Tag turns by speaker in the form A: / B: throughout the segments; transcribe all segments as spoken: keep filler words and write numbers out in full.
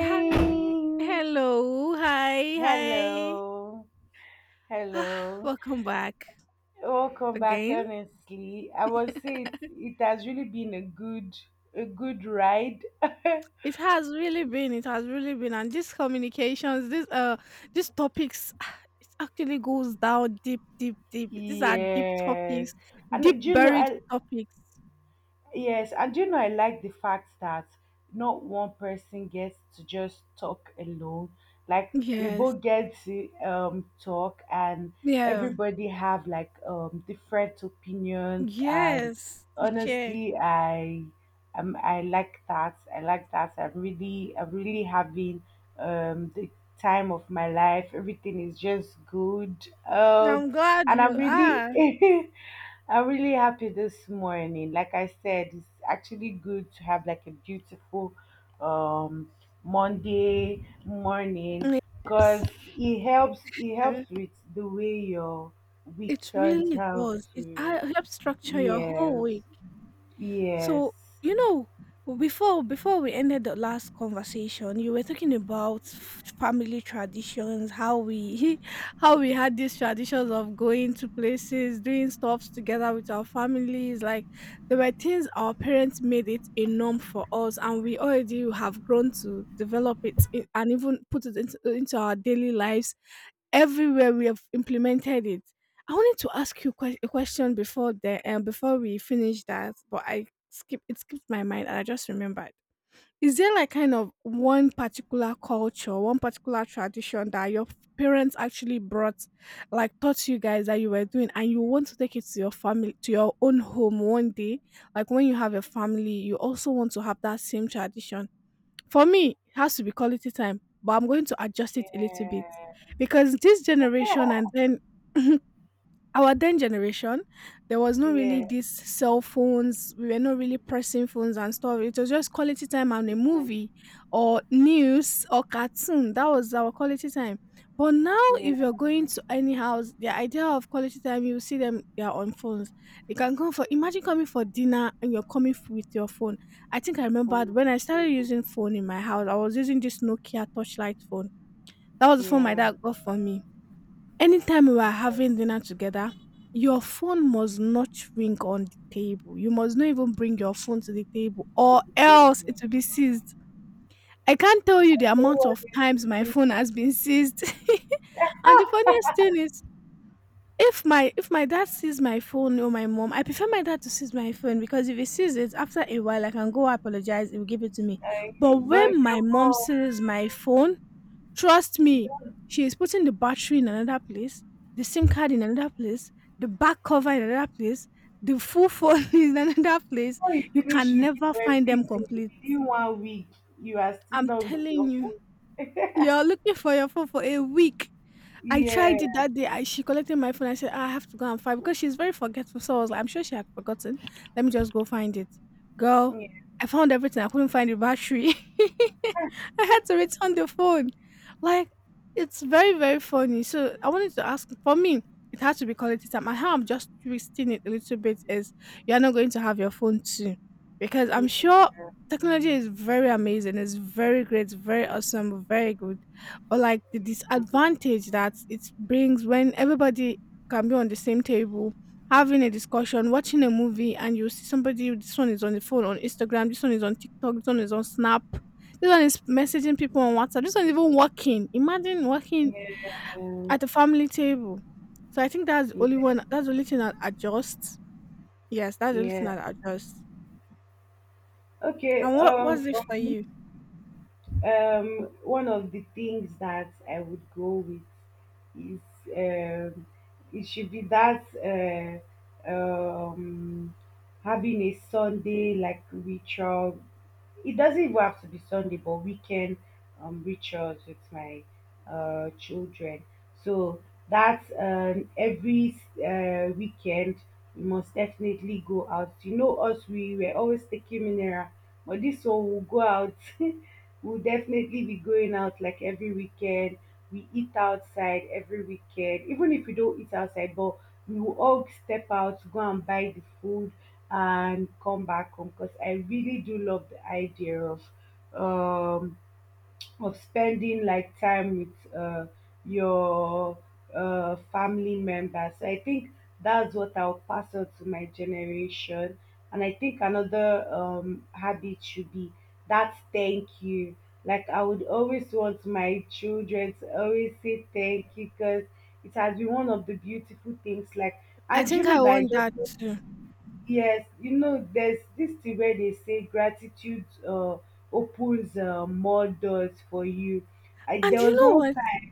A: Hi. Hello. Hi. Hi.
B: Hello.
A: Ah,
B: Hello.
A: Welcome back
B: Welcome back.
A: again.
B: Honestly, I would say it, it has really been a good a good ride.
A: It has really been. It has really been. And these communications, these uh, these topics, ah, it actually goes down deep, deep, deep. These are deep
B: Yes.
A: topics,
B: And
A: deep
B: do you know
A: buried
B: I
A: topics.
B: Yes, and you know, I like the fact that not one person gets to just talk alone. Like we
A: Yes.
B: both get to um talk, and
A: Yeah.
B: everybody have like um different opinions. And
A: Yes. To share.
B: honestly, I um I like that. I like that. I'm really I'm really having um the time of my life. Everything is just good. Um,
A: I'm glad
B: and I'm
A: you
B: really
A: are.
B: I'm really happy this morning. Like I said, it's actually good to have like a beautiful um Monday morning because
A: Yes.
B: it helps it
A: Uh,
B: helps with the way your week
A: It
B: turns
A: really
B: out
A: does. It
B: to.
A: uh, helps structure your whole
B: Yes.
A: week.
B: Yes.
A: So, you know, before before we ended the last conversation, you were talking about f- family traditions, how we how we had these traditions of going to places, doing stuffs together with our families. Like there were things our parents made it a norm for us, and we already have grown to develop it in, and even put it into, into our daily lives. Everywhere we have implemented it. I wanted to ask you que- a question before the um, before we finish that, but I skip it skipped my mind and I just remembered. Is there like kind of one particular culture, one particular tradition that your parents actually brought, like taught you guys that you were doing, and you want to take it to your family, to your own home one day? Like when you have a family, you also want to have that same tradition. For me, it has to be quality time, but I'm going to adjust it a little bit
B: Yeah.
A: because this generation and then our then generation, there was no really
B: Yeah.
A: these cell phones. We were not really pressing phones and stuff. It was just quality time and a movie or news or cartoon. That was our quality time. But now,
B: Yeah.
A: if you're going to any house, the idea of quality time, you see them, they are on phones. They can come for, imagine coming for dinner and you're coming f- with your phone. I think I remembered
B: From
A: when I
B: June.
A: started using phone in my house, I was using this Nokia touchlight phone. That was the phone my
B: Yeah.
A: dad got for me. Anytime we are having dinner together, your phone must not ring on the table. You must not even bring your phone to the table,
B: To
A: or
B: the day.
A: else it will be seized. I can't tell you
B: I
A: the
B: don't
A: amount
B: want
A: of
B: it to
A: times my
B: see
A: phone has been seized. And the funniest thing is, if my if my dad sees my phone or my mom, I prefer my dad to seize my phone because if he sees it after a while, I can go apologize. He will give it to me.
B: like,
A: But
B: but
A: when
B: your
A: my mom
B: mom.
A: sees my phone, trust me, she is putting the battery in another place, the SIM card in another place, the back cover in another place, the full phone in another place.
B: Before you
A: You
B: finish
A: can
B: looking
A: never
B: for
A: find them
B: everything
A: complete.
B: within one week, you are still
A: I'm
B: not with your
A: telling you,
B: phone.
A: you're looking for your phone for a week. I
B: Yeah,
A: tried it that day. I, she collected my phone. I said, "Ah, I have to go and find because she's very forgetful." So I was like, I'm sure she had forgotten. Let me just go find it. Girl,
B: yeah,
A: I found everything. I couldn't find the battery. I had to return the phone. Like, it's very, very funny. So I wanted to ask, for me, it has to be quality time. And how I'm just twisting it a little bit is you're not going to have your phone too. Because I'm sure
B: yeah,
A: technology is very amazing. It's very great, very awesome, very good or like the disadvantage that it brings when everybody can be on the same table having a discussion, watching a movie, and you see somebody, this one is on the phone on Instagram, this one is on TikTok, this one is on Snap, this one is messaging people on WhatsApp, this one is even working. Imagine working
B: yeah,
A: at a family table. So I think that's the only
B: yeah,
A: one, that's the only thing that adjusts. Yes, that's the only thing
B: yeah.
A: that adjusts.
B: Okay.
A: And what
B: Um,
A: was it
B: for
A: for
B: me,
A: you?
B: um, one of the things that I would go with is um, it should be that uh, um, having a Sunday like ritual, it doesn't even have to be Sunday, but weekend um, rituals with my uh, children. So that's um, every uh, weekend we must definitely go out. You know us, we were always taking mineral, but this one will go out. We'll definitely be going out like every weekend. We eat outside every weekend, even if we don't eat outside, but we will all step out, go and buy the food and come back home because I really do love the idea of um, of spending like time with uh, your uh, family members. So I think that's what I'll pass on to my generation. And I think another um, habit should be that thank you. Like I would always want my children to always say thank you because it has been one of the beautiful things. Like
A: I
B: and you
A: think
B: know
A: I
B: that I
A: want
B: just
A: that too.
B: Yes, you know, there's this thing where they say gratitude uh, opens uh, more doors for you. I,
A: And
B: there
A: you
B: was
A: know
B: one
A: what?
B: time,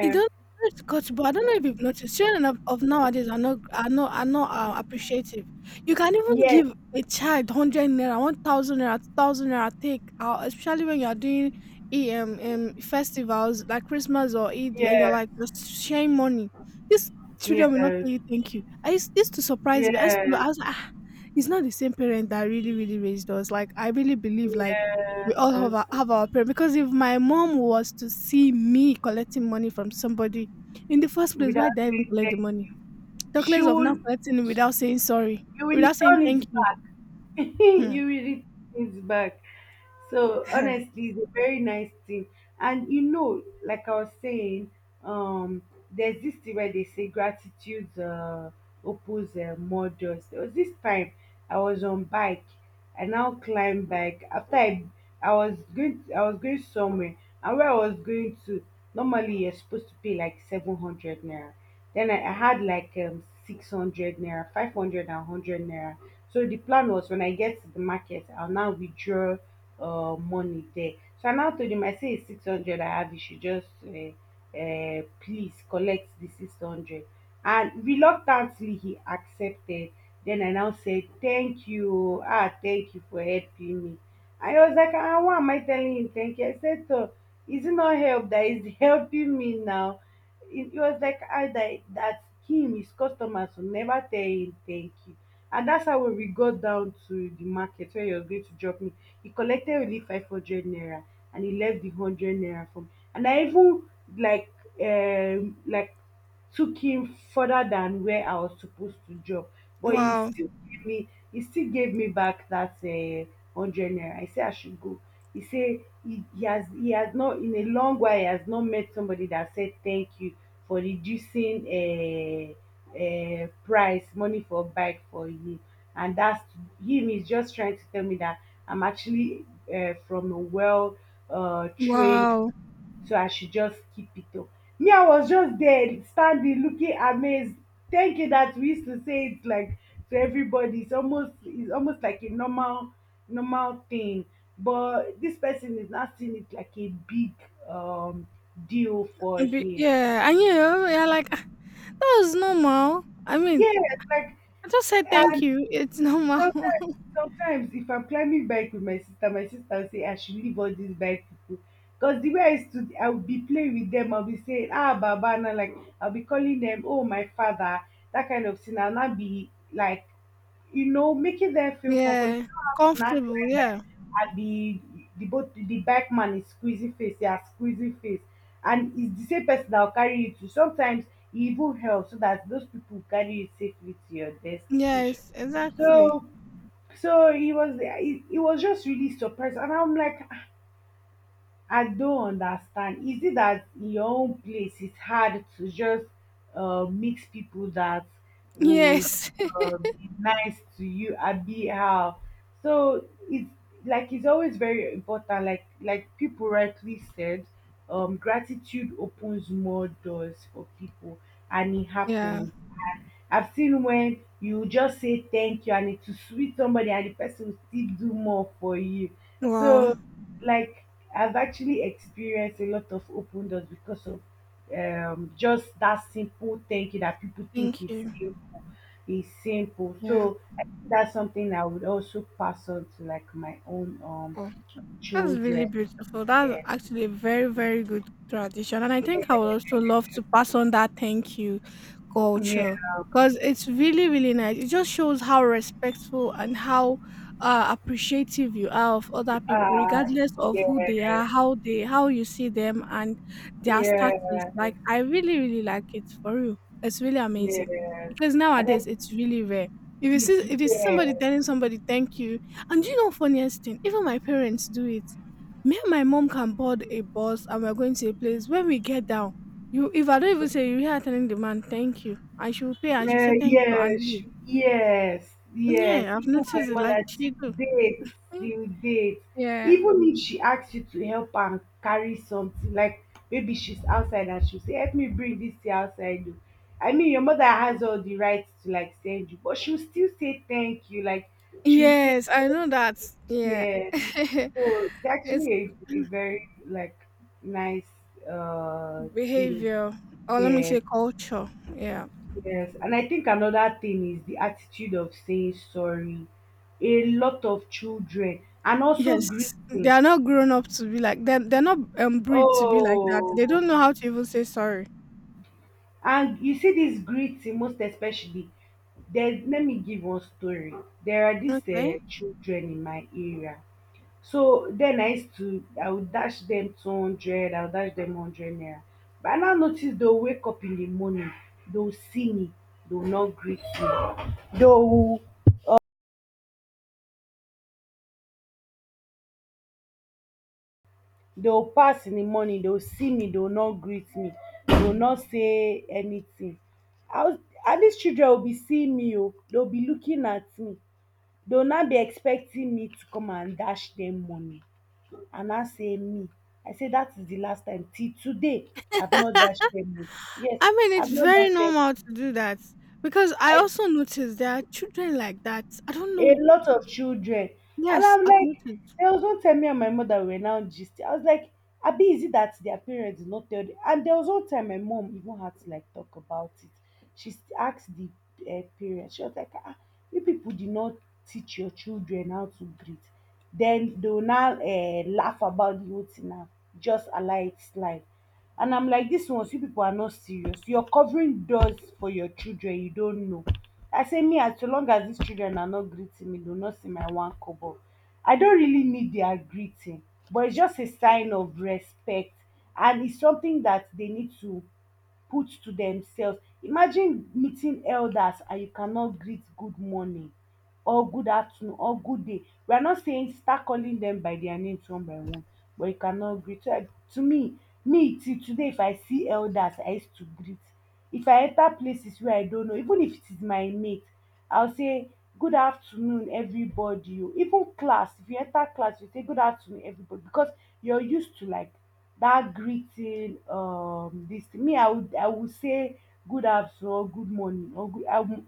A: You don't it But I don't know if you've noticed, children of, of nowadays are not are not are not uh, appreciative. You can even
B: yes,
A: give a child hundred naira, one thousand naira, two thousand naira, take uh, especially when you are doing E- um, um festivals like Christmas or Eid, and
B: yeah,
A: you're like just sharing money. These children will not tell
B: yes,
A: you thank you. I used this to surprise me. I used to
B: yes,
A: I was like, ah, it's not the same parent that really really raised us. Like I really believe like we all have
B: yes.
A: our, have our prayer because if my mom was to see me collecting money from somebody, in the first place, why
B: Without
A: did I even
B: saying
A: collect the
B: thank
A: money?
B: you,
A: Talkless of not
B: should
A: collecting it without saying sorry,
B: you will
A: without saying
B: return
A: thank
B: it
A: you.
B: back?
A: Hmm.
B: You will return it back. So honestly, it's a very nice thing. And you know, like I was saying, um there's this thing where they say gratitude uh, opens uh, more doors. There was this time I was on bike. I now climb bike. After I, I was going I was going somewhere, and where I was going to, normally you're supposed to pay like seven hundred naira. Then I, I had like um six hundred naira, five hundred and hundred naira. So the plan was when I get to the market, I'll now withdraw uh money there. So I now told him, I say it's six hundred I have, you should just uh, um please collect the six hundred, and reluctantly he accepted. Then I now said thank you oo, ah thank you for helping me. And he was like, ah, why am I telling him thank you? I said toor, is it not help that is helping me now? He he was like ah, that that him, his customers will never tell him thank you. And that's how when we got down to the market where he was going to drop me, he collected only five hundred naira, and he left the hundred naira for me. And I even like um like took him further than where I was supposed to drop. But he
A: Wow,
B: still gave me he still gave me back that uh, hundred naira. I say I should go. He say he, he has he has not in a long while he has not met somebody that said thank you for reducing uh, uh, price money for bike for you. And that's him is just trying to tell me that I'm actually uh, from a well uh, trained,
A: wow.
B: so I should just keep it up. Me, I was just there standing, looking amazed, thinking that we used to say it like to everybody. It's almost it's almost like a normal normal thing. But this person is not seeing it like a big um deal for
A: Be-
B: him.
A: Yeah, and you know, yeah, like, "Ah, that was normal. I mean,
B: Yes, like
A: I just said
B: I
A: thank you. It's normal."
B: sometimes sometimes if I'm climbing bike with my sister, my sister will say I should leave all these bike people, because the way I stood I would be playing with them, I'll be saying ah baba, and I like I'll be calling them oh my father, that kind of thing. I'll not be like, you know, making them feel comfortable. You
A: Yeah,
B: don't have to not
A: comfortable.
B: climb back.
A: Yeah,
B: And the the both the bike man is squeezing face. Yeah, squeezing face. And it's the same person that will carry you to sometimes e even help so that those people carry you safely to your destination.
A: yes, exactly.
B: so so he was he, he was just really surprised, and I'm like, I don't understand. Is it that in your own place it's hard to just uh, mix people that would
A: Yes.
B: uh, be nice to you, Abi? How? So it's like it's always very important. Like like people rightly said, um, gratitude opens more doors for people, and it
A: Yeah.
B: happens. I've seen when you just say thank you and it will sweet somebody and the person will still do more for you.
A: Wow.
B: So, like, I've actually experienced a lot of open doors because of um, just that simple thank you that people think
A: Thank
B: is
A: you.
B: simple. Is simple.
A: Yeah.
B: So I think that's something I would also pass on to like my own um
A: That's really
B: children.
A: beautiful. That's
B: Yeah.
A: actually a very, very good tradition. And I think I would also love to pass on that thank you culture
B: Yeah.
A: because it's really, really nice. It just shows how respectful and how uh, appreciative you are of
B: Yeah.
A: other people,
B: Uh,
A: regardless of who they
B: yeah.
A: are, how they, how you see them, and their status.
B: Yeah.
A: Like, I really, really like it for you. It's really amazing
B: Yes,
A: because
B: and I
A: nowadays it's really rare. If you
B: yes,
A: see,
B: yes,
A: if you see somebody telling somebody thank you, and do you know funniest thing? Even my parents do it. Me and my mom can board a bus and we're going to a place. When we get down, you if I don't even say you hear her telling the man thank you, and she will pay and she
B: uh,
A: say thank you and
B: yes,
A: leave.
B: yes, yes.
A: Yeah, I've
B: Even my
A: noticed it like
B: mother
A: she
B: still
A: do.
B: dates,
A: Mm.
B: still dates.
A: Yeah.
B: Even if she asks you to help am carry something, like maybe she's outside and she'll say, "Help me bring this thing outside." o." I mean, your mother has all the rights to like send you, but she'll still say thank you. Like she'll say,
A: Yes, I know that. Yeah.
B: "Yeah." So it's
A: It's
B: actually a, a very like nice uh thing.
A: behavior. Or let me
B: Yes,
A: say culture. Yeah.
B: yes. And I think another thing is the attitude of saying sorry. A lot of children, and also
A: Yes. They
B: greeting.
A: are not grown up to be like that. They're, they're not um, bred to be like that. They
B: Oh,
A: don't know how to even say sorry.
B: and you see this greeting most especially. There, let me give one story. There are these uh,
A: Okay.
B: children in my area. So then I used to, I would dash them two hundred, I would dash them one hundred naira. But I now notice they'll wake up in the morning, they'll see me, they'll not greet me. They'll, They will pass in the morning, they will see me, they will not greet me, they will not say anything. How? And these children will be seeing me, oh, they will be looking at me, they will not be expecting me to come and dash them money. And I say me, I say that is the last time. Till today I have not dashed them money. Yes,
A: I mean,
B: I
A: it's
B: have not
A: very
B: dashed them
A: normal
B: money.
A: to do that because I also noticed there are children like that. I don't
B: A
A: know.
B: lot of children. And
A: Yes,
B: I'm
A: I've
B: like,
A: noticed.
B: there was one time me and my mother were now gisting. I was like, Abi, is it that their parents did not tell them? And there was one time my mom even had to like talk about it. She s- asked the uh, parents, she was like, ah, you people did not teach your children how to greet. Then they will now uh, laugh about the whole thing now. Just allow it slide. And I'm like, this ones, you people are not serious. You're covering doors for your children, you don't know. I say, me, as so long as these children are not greeting me, do not see my one kobo. I don't really need their greeting, but it's just a sign of respect. And it's something that they need to put to themselves. Imagine meeting elders and you cannot greet good morning or good afternoon or good day. We are not saying start calling them by their names one by one, but you cannot greet. So I- To me, me till today, if I see elders, I used to greet. If I enter places where I don't know, even if it is my mate, I'll say good afternoon everybody o. Even class, if you enter class you say good afternoon everybody because you're used to like that greeting um this thing. Me I would I would say good afternoon or good morning or good. I would,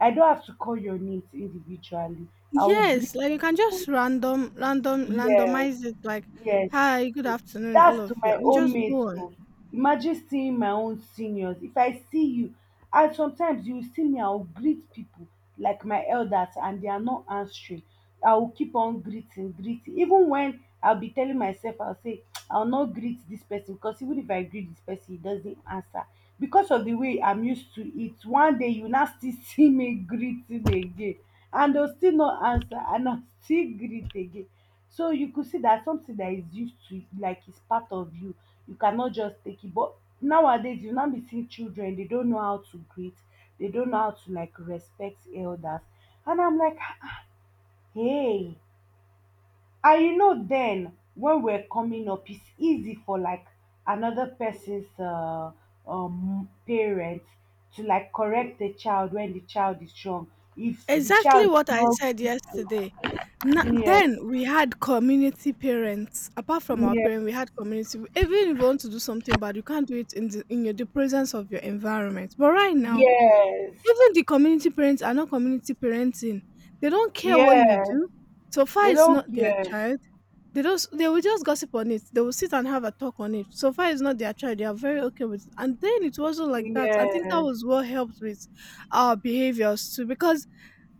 B: I don't have to call your names individually. I will greet
A: Yes, like you can just
B: everybody.
A: random, random,
B: Yes.
A: randomize it. Like,
B: Yes,
A: hi, good afternoon, all
B: that's to
A: of you,
B: my
A: and
B: own
A: just
B: mate.
A: go on.
B: Oh. Imagine seeing my own seniors. If I see you, and sometimes you see me, I'll greet people like my elders and they are not answering. I will keep on greeting, greeting. Even when I'll be telling myself, I'll say, I'll not greet this person because even if I greet this person, he doesn't answer. Because of the way I'm used to it, one day you now still see me greeting again, and they'll still not answer and I'll still greet again. So you could see that something that is used to like is part of you, you cannot just take it. But nowadays you now be seeing children, they don't know how to greet, they don't know how to like respect elders. And I'm like, hey. And you know, then when we're coming up, it's easy for like another person's uh, um parent to like correct the child when the child is wrong. If the child
A: Exactly
B: is
A: what I
B: not
A: said yesterday. Na
B: yes,
A: then we had community parents. Apart from our
B: yes,
A: parents, we had community. Even if you want to do something bad, you can't do it in the in your, the presence of your environment. But right now,
B: yes.
A: even the community parents are not community parenting. They don't care what you
B: Yeah,
A: do. So far
B: they
A: it's
B: don't
A: not their
B: care.
A: child. They just they will just gossip on it. They will sit and have a talk on it. So far it's not their child. They are very okay with it. And then it wasn't like that. I think that
B: Yes,
A: was what helped with our behaviors too. Because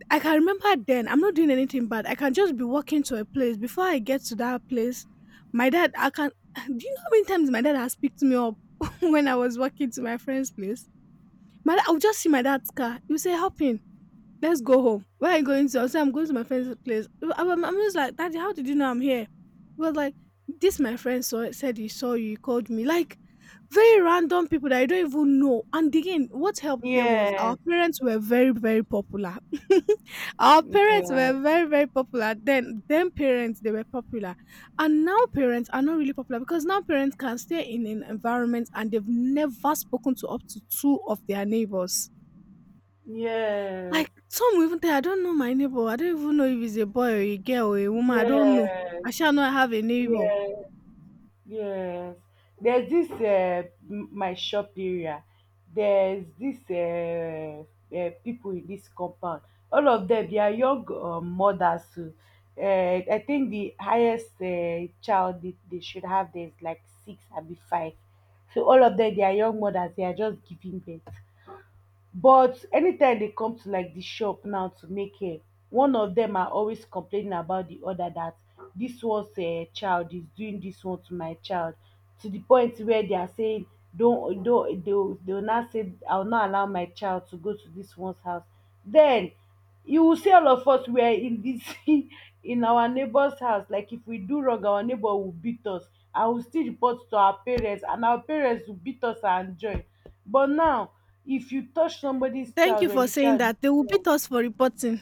A: I can remember then I'm not doing anything bad. I can just be walking to a place. Before I get to that place, my dad I can do you know how many times my dad has picked me up when I was walking to my friend's place? My dad, I would just see my dad's car. You say, hop in. Let's go home. Where are you going to? I said, I'm going to my friend's place. I wa- I'm, just like, "Daddy, how did you know I'm here?" He was like, "This my friend saw it, said he saw you, he called me." Like very random people that I don't even know. And again, what helped them was
B: yes,
A: our parents were very, very popular. Our parents
B: yes,
A: were very, very popular. Then then parents, they were popular. And now parents are not really popular because now parents can stay in an environment and they've never spoken to up to two of their neighbors.
B: yes,
A: Like, some even tell, "I don't know my neighbor. I don't even know if he's a boy or a girl or a woman. I don't know.
B: yes,
A: I shall not have a neighbor."
B: yes, yes. There's this uh, m- my shop area. There's this uh, uh, people in this compound. All of them, they are young uh, mothers too. Uh, I think the highest uh, child they, they should have there is like six and be five. So all of them, they are young mothers. They are just giving birth. But anytime they come to like the shop now to make hair, one of them are always complaining about the other that this one's uh, child is doing this one to my child, to the point where they are saying don't don't they'll, they'll not say I'll not allow my child to go to this one's house. Then you will see all of us, we are in this in our neighbor's house. Like, if we do wrong, our neighbor will beat us, and we still report to our parents, and our parents will beat us and join. But now, if you touch somebody's
A: Thank
B: child
A: you
B: when
A: for
B: the
A: saying
B: child is
A: that. They will
B: strong.
A: beat us for reporting.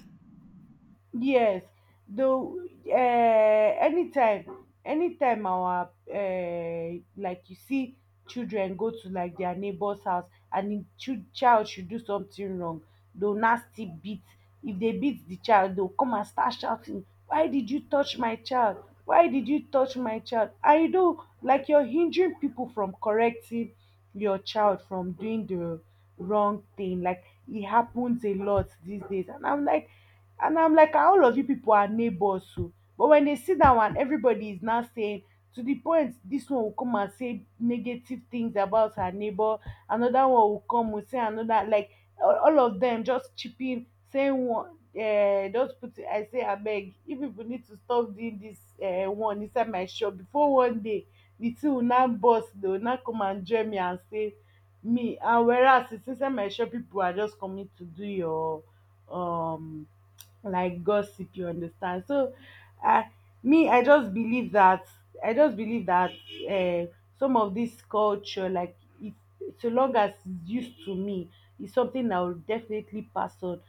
B: Yes, though uh, anytime, anytime our uh, like you see children go to like their neighbor's house, and the chil- child should do something wrong, they'll nasty beat. If they beat the child, they'll come and start shouting, "Why did you touch my child? Why did you touch my child?" And you know, like, you're hindering people from correcting your child from doing the wrong thing. Like, it happens a lot these days, and I'm like and I'm like, "Ah, all of you people are neighbors too." But when they see that one, everybody is now saying, to the point, this one will come and say negative things about her neighbor. Another one will come, will say another, like all, all of them just chipping, saying one. Uh, just put it, I say, I beg, if people need to stop doing this uh, one inside my shop, before one day, the two will not boss, they will not come and join me and say, me, and whereas it's inside my shop, people are just coming to do your um, like, gossip, you understand? So uh, me, i just believe that i just believe that uh, some of this culture, like, it, so long as it's used to me, is something I will definitely pass on.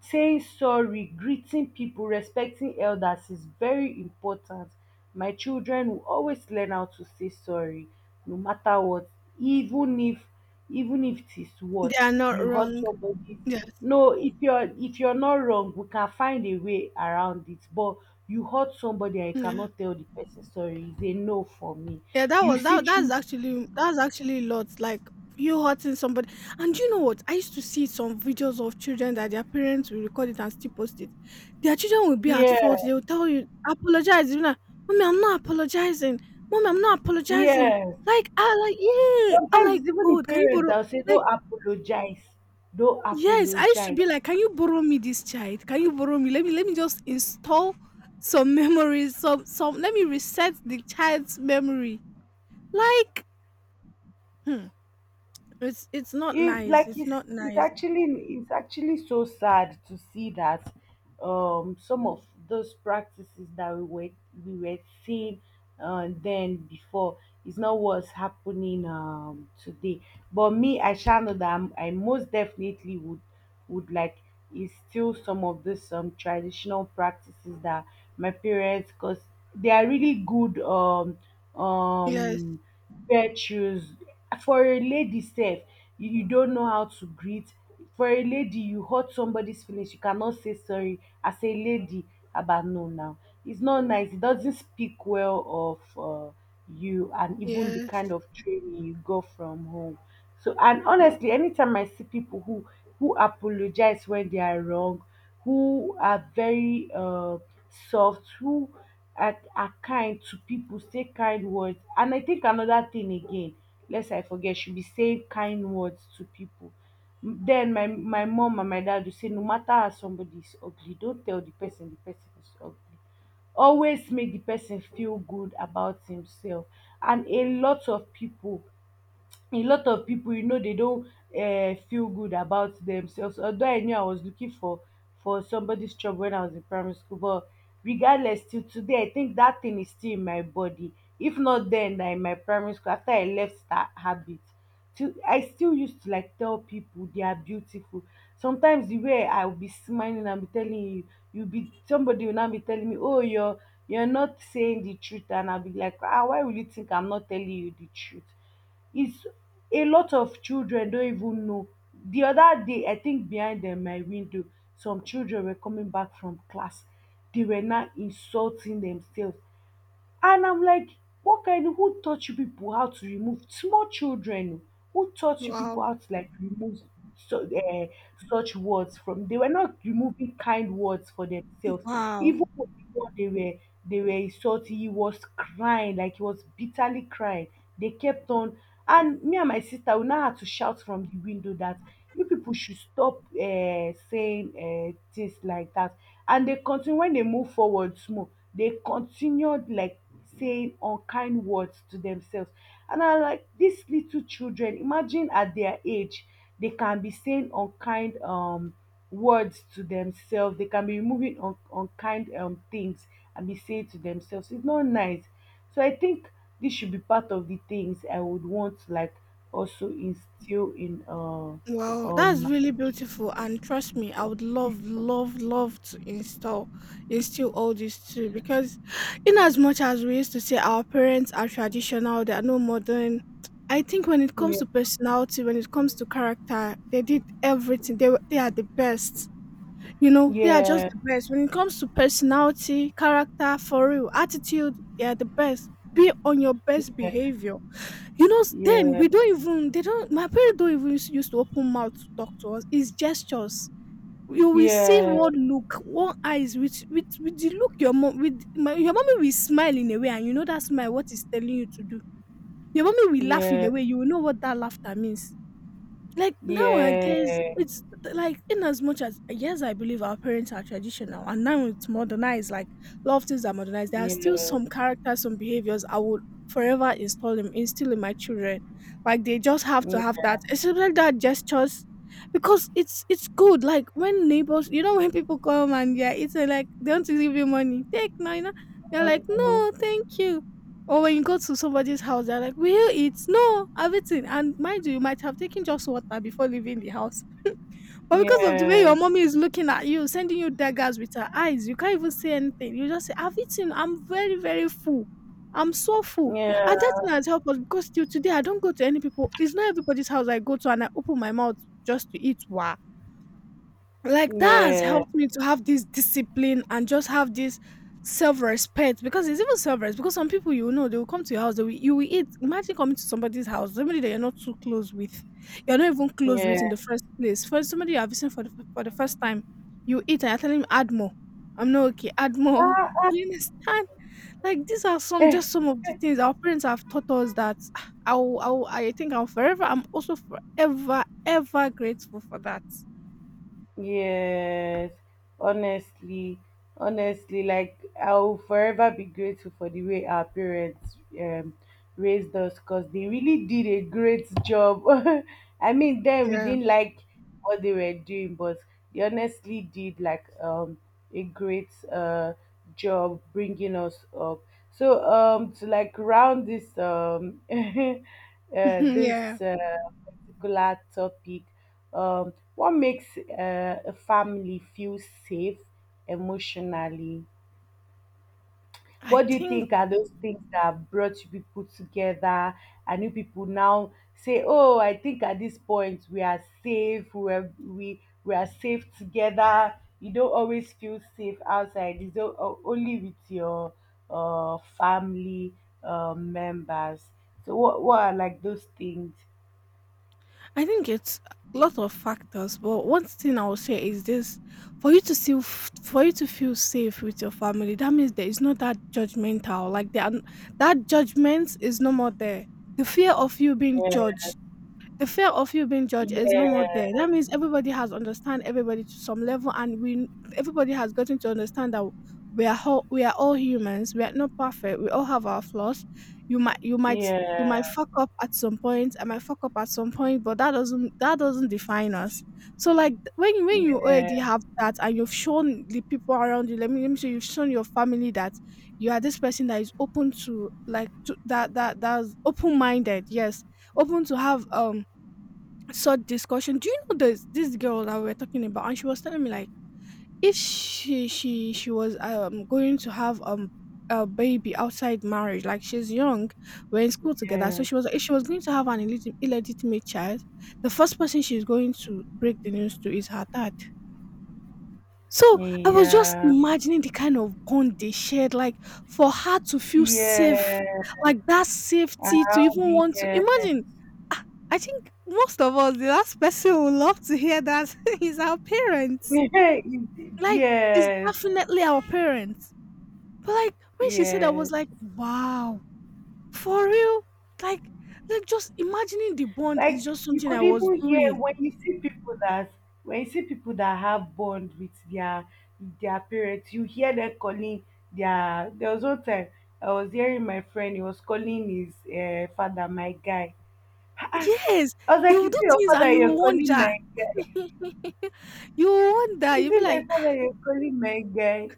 B: Saying sorry, greeting people, respecting elders is very important. My children will always learn how to say sorry, no matter what. Even if even if it is
A: They
B: what,
A: are not
B: you hurt
A: wrong.
B: somebody's,
A: Yes.
B: no, if you're, if you're not wrong, we can find a way around it. But you hurt somebody and you
A: Yeah.
B: cannot tell the person sorry is a no for me.
A: Yeah, that
B: You
A: was
B: see
A: that that's
B: through.
A: actually that's actually lots like you hurting somebody. And you know what? I used to see some videos of children that their parents will record it and still post it. Their children will be at fault.
B: Yeah,
A: They will tell you, apologize. You're like, "Mommy, I'm not apologizing. Mommy, I'm not apologizing."
B: yeah.
A: Like I like, yeah. I'm
B: Sometimes
A: like,
B: it's even the
A: God, can you
B: parents
A: borrow
B: that will say don't
A: like
B: apologize don't
A: yes, I used to
B: apologize
A: be like, "Can you borrow me this child? Can you borrow me? Let me let me just install some memories, some some let me reset the child's memory." Like hmm. It's it's not
B: it
A: nice,
B: like
A: it's
B: it's
A: not
B: it's
A: nice.
B: actually, it's actually so sad to see that um, some of those practices that we were we were seeing uh, then before is not what's happening um, today. But me, I shall know that I'm, I most definitely would would like, is still some of this um, traditional practices that my parents, because they are really good um,
A: Yes,
B: um. Wear shoes. For a lady sef, you you don't know how to greet. For a lady, you hurt somebody's feelings, you cannot say sorry as a lady. About no now. It's not nice. It doesn't speak well of uh, you and even the kind
A: yes.
B: of training you got from home. So, and honestly, anytime I see people who who apologize when they are wrong, who are very uh, soft, who and are kind to people, say kind words. And I think another thing again, lest I forget, should be saying kind words to people. M- Then my my mom and my dad will say, no matter how somebody is ugly, don't tell the person the person is ugly. Always make the person feel good about himself. And a lot of people a lot of people, you know, they don't uh, feel good about themselves. Although I knew I was looking for for somebody's job when I was in primary school, but regardless, till today, I think that thing is still in my body. If not then, na in my primary school after I left that habit, till I still used to like tell people they are beautiful. Sometimes the way I will be smiling and be telling you, you be, somebody will now be telling me, oh, you're you're not saying the truth, and I'll be like, ah, why will you think I'm not telling you the truth? It's, a lot of children don even know. The other day, I think behind um, my window, some children were coming back from class. They were now insulting themselves. And I'm like, what kind of, who taught you people how to remove small children? Who taught you people
A: Wow.
B: how to like remove so, uh, such words from? They were not removing kind words for themselves.
A: Wow.
B: Even before they were they were insulting, he was crying, like, he was bitterly crying. They kept on, and me and my sister, we now had to shout from the window that you people should stop uh, saying uh, things like that. And they continue, when they move forward small, they continued, like, saying unkind words to themselves. And I like these little children, imagine at their age, they can be saying unkind um, words to themselves, they can be removing un- unkind um, things and be saying to themselves. It's not nice. So I think this should be part of the things I would want to like also instill in uh,
A: Wow, that's really
B: um.
A: beautiful, and trust me, I would love, love, love to install instill all this too because in as much as we used to say our parents are traditional, they are no modern, I think when it comes
B: Yeah,
A: to personality, when it comes to character, they did everything. They were- they are the best. You know, they are just
B: yeah,
A: the best. When it comes to personality, character, for real, attitude, they are the best. Be on your best behavior. You know, s- then
B: yeah,
A: we don't even, they don't, my parents don't even use- used to open mouth to talk to us. It's gestures. You will see
B: yeah,
A: one look, one eyes with with with the look your mom with my, your mommy will smile in a way, and you know that smile what is telling you to do. Your mommy will laugh in
B: yeah,
A: a way, you will know what that laughter means. Like nowadays,
B: yeah,
A: it's th- like in as much as yes, I believe our parents are traditional, and now it's modernized. Like a lot of things are modernized. There are still
B: yeah,
A: some characters, some behaviors I would forever install them, instill in my children. Like they just have to
B: yeah,
A: have that, especially that gestures, because it's it's good. Like when neighbors, you know, when people come and yeah, it's like they want to give you money, take no, you know, you're like no,
B: Mhm.
A: thank you, or when you go to somebody's house, they're like, "Will you eat?" No, I've eaten. And mind you, you might have taken just water before leaving the house. But because of the way
B: Nie,
A: your mommy is looking at you, sending you daggers with her eyes, you can't even say anything. You just say, I've eaten. I'm very, very full. I'm so full.
B: nie,
A: And that thing has helped us because till today I don't go to any people. It's not everybody's house I go to and I open my mouth just to eat. Wow. Like that has
B: nie,
A: helped me to have this discipline and just have this self-respect, because it's even self-respect, because some people, you know, they will come to your house they will, you will eat. Imagine coming to somebody's house, somebody that you're not too close with, you're not even close
B: nie.
A: with in the first place, for somebody you are visiting for the, f- for the first time, you eat and you're telling him add more, I'm not okay, add more you understand. Like these are some
B: Ech.
A: just some of the things our parents have taught us that ah, I'll, I'll i will, I think i'm forever i'm also forever ever grateful for that.
B: Yes, honestly, honestly, like I'll forever be grateful for the way our parents um, raised us because they really did a great job. I mean, then we
A: Yeah.
B: didn't like what they were doing, but they honestly did like um, a great uh job bringing us up. So um, to like round this um, uh
A: Mhm, yeah,
B: this uh, particular topic, um, what makes uh, a family feel safe emotionally?
A: I
B: What do you
A: think
B: think are those things that brought you people together and you people now say, "Oh, I think at this point we are safe. We are, we we are safe together." You don't always feel safe outside. It's o- o- only with your uh, family uh, members. So what what are like those things?
A: I think it's a lot of factors, but one thing I will say is this: for you to feel for you to feel safe with your family, that means there is not that judgmental. Like there, are n- that judgment is no more there. The fear of you being
B: Yeah,
A: judged The fear of you being judged is no more there.
B: yeah,
A: That means everybody has understand everybody to some level, and we everybody has gotten to understand that we are all we are all humans. We are not perfect. We all have our flaws. You might you might you might
B: yeah,
A: fuck up at some point. I might fuck up at some point, but that doesn't that doesn't define us. So like th- when when you already
B: yeah,
A: have that, and you've shown the people around you. Let me let me say you've shown your family that you are this person that is open to like to, that that that's open minded. Yes, open to have um such discussion. Do you know this this girl that we were talking about? And she was telling me like if she she she was um going to have um a baby outside marriage, like she's young, we're in school together. So
B: yeah.
A: she was like, if she was going to have an illegit- illegitimate child, the first person she's going to break the news to is her dad. So I was just
B: Yeah,
A: imagining the kind of bond they shared, like for her to feel safe,
B: yeah,
A: like that safety to
B: around
A: even
B: the
A: want to imagine. Ah, I think most of us, the last person who would love to hear that is our parents.
B: yeah,
A: Like, it's
B: yes,
A: definitely our parents. But like when she said, I was
B: yes.
A: like, wow, for real. Like, like just imagining the bond is
B: Like,
A: just
B: you
A: something I
B: could
A: was
B: even hear
A: doing.
B: when you see people that when you see people that have bond with their their parents, you hear them calling their. There was one time I was hearing my friend, he was calling his uh, father my guy.
A: Yes,
B: I was
A: they
B: like,
A: will
B: is it
A: do
B: your
A: things
B: father
A: and you
B: you're
A: will
B: calling
A: wonder.
B: my?
A: You will wonder,
B: Is
A: you'll be
B: it my
A: like, "Ah,
B: father you're calling my guy?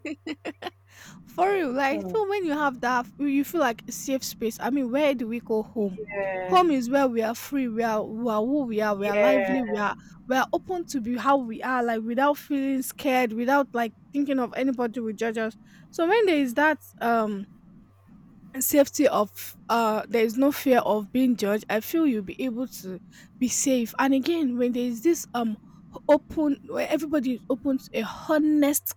A: for real, like
B: Hmm.
A: feel when you have that, you you feel like a safe space. I mean, where do we call home?
B: Yeah,
A: Home is where we are free, we are we are who we are, we are lively,
B: yeah,
A: we are we are open to be how we are, like without feeling scared, without like thinking of anybody will judge us. So when there is that um safety of uh there is no fear of being judged, I feel you'll be able to be safe. And again, when there is this um open, where everybody is open to a honest,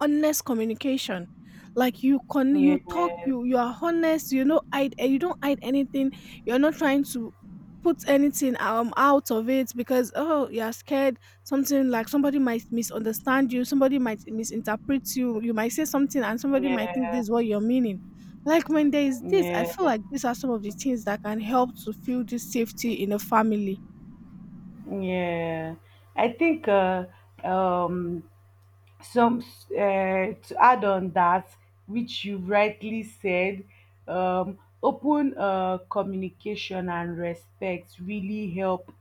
A: honest communication. Like you con you talk,
B: yeah.
A: you you are honest, you know, hide eh, you don't hide anything. You're not trying to put anything um out of it, because oh you're scared something, like somebody might misunderstand you, somebody might misinterpret you, you might say something and somebody might think
B: Yeah,
A: this is what you're meaning. Like when there is this, I
B: yeah,
A: feel like these are some of the things that can help to feel this safety in a family.
B: yeah. I think uh, um, some s- uh, to add on that, which you rightly said, um, open uh, communication and respect really help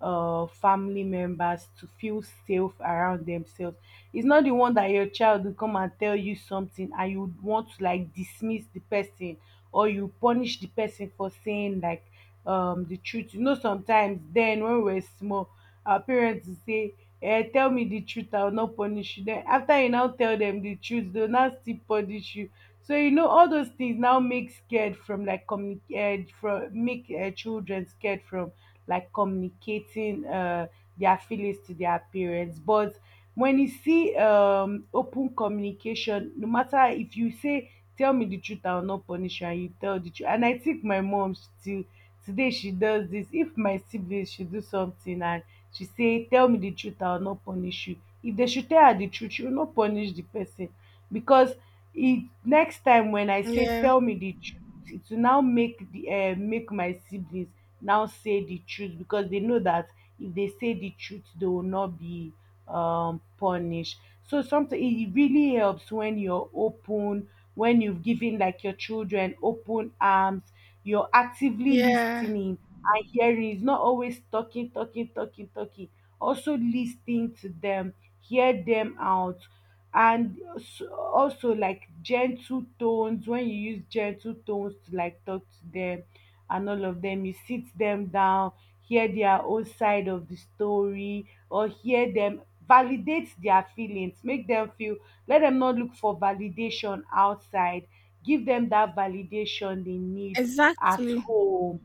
B: uh, family members to feel safe around themselves. It's not the one that your child will come and tell you something and you would want to like dismiss the person or you punish the person for saying like um, the truth. You know, sometimes then when we were small, our parents would say, eh, tell me the truth, I will not punish you. Then after you now tell them the truth, they'll now still punish you. So you know all those things now make scared from like communicate from make uh, children scared from like communicating uh their feelings to their parents. But when you see um, open communication, no matter if you say tell me the truth, I will not punish you, and you tell the truth. And I think my mom still today, she does this, if my siblings she do something, and she say tell me the truth I will not punish you, if they should tell her the truth, she will not punish the person. Because it next time when I say
A: Yeah,
B: tell me the truth, it will now make the uh, make my siblings now say the truth, because they know that if they say the truth, they will not be um, punished. So something, it really helps when you're open, when you've given like your children open arms, you're actively
A: yeah,
B: listening and hearing. It's not always talking talking talking talking, also listening to them, hear them out, and s- also, like, gentle tones, when you use gentle tones to like talk to them, and all of them, you sit them down, hear their own side of the story or hear them, validate their feelings, make them feel, let them not look for validation outside, give them that validation they need at
A: exactly.
B: home.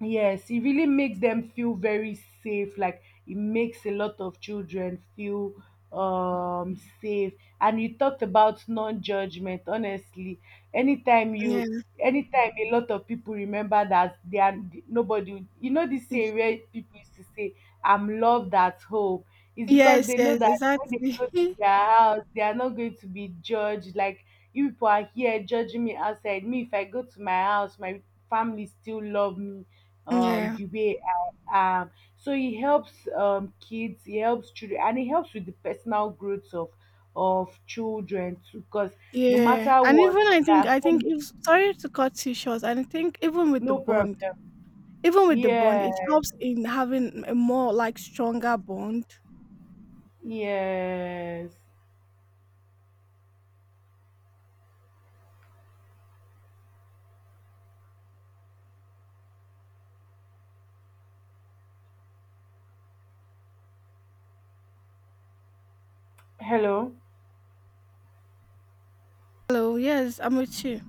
B: Yes, it really makes them feel very safe. Like, it makes a lot of children feel um, safe. And you talked about non-judgment. Honestly, anytime
A: Yeah,
B: you, anytime a lot of people remember that they are nobody. You know this saying, where people used to say, "I'm loved at home." is because
A: yes,
B: they know
A: yes,
B: that when they
A: exactly.
B: go to their house, they are not going to be judged. Like, you people are here judging me outside. Me, if I go to my house, my family still love me um,
A: Yeah,
B: the way I am. So it helps um, kids, it helps children, and it helps with the personal growth of of children too. Because no
A: yeah,
B: matter
A: and
B: what,
A: even I
B: they
A: think
B: are
A: I think
B: home,
A: if sorry to cut you short, and I think even with the
B: no
A: bond,
B: problem.
A: even with the bond,
B: Yeah,
A: it helps in having a more like stronger bond.
B: yes. Hello.
A: Hello, yes, I'm with you.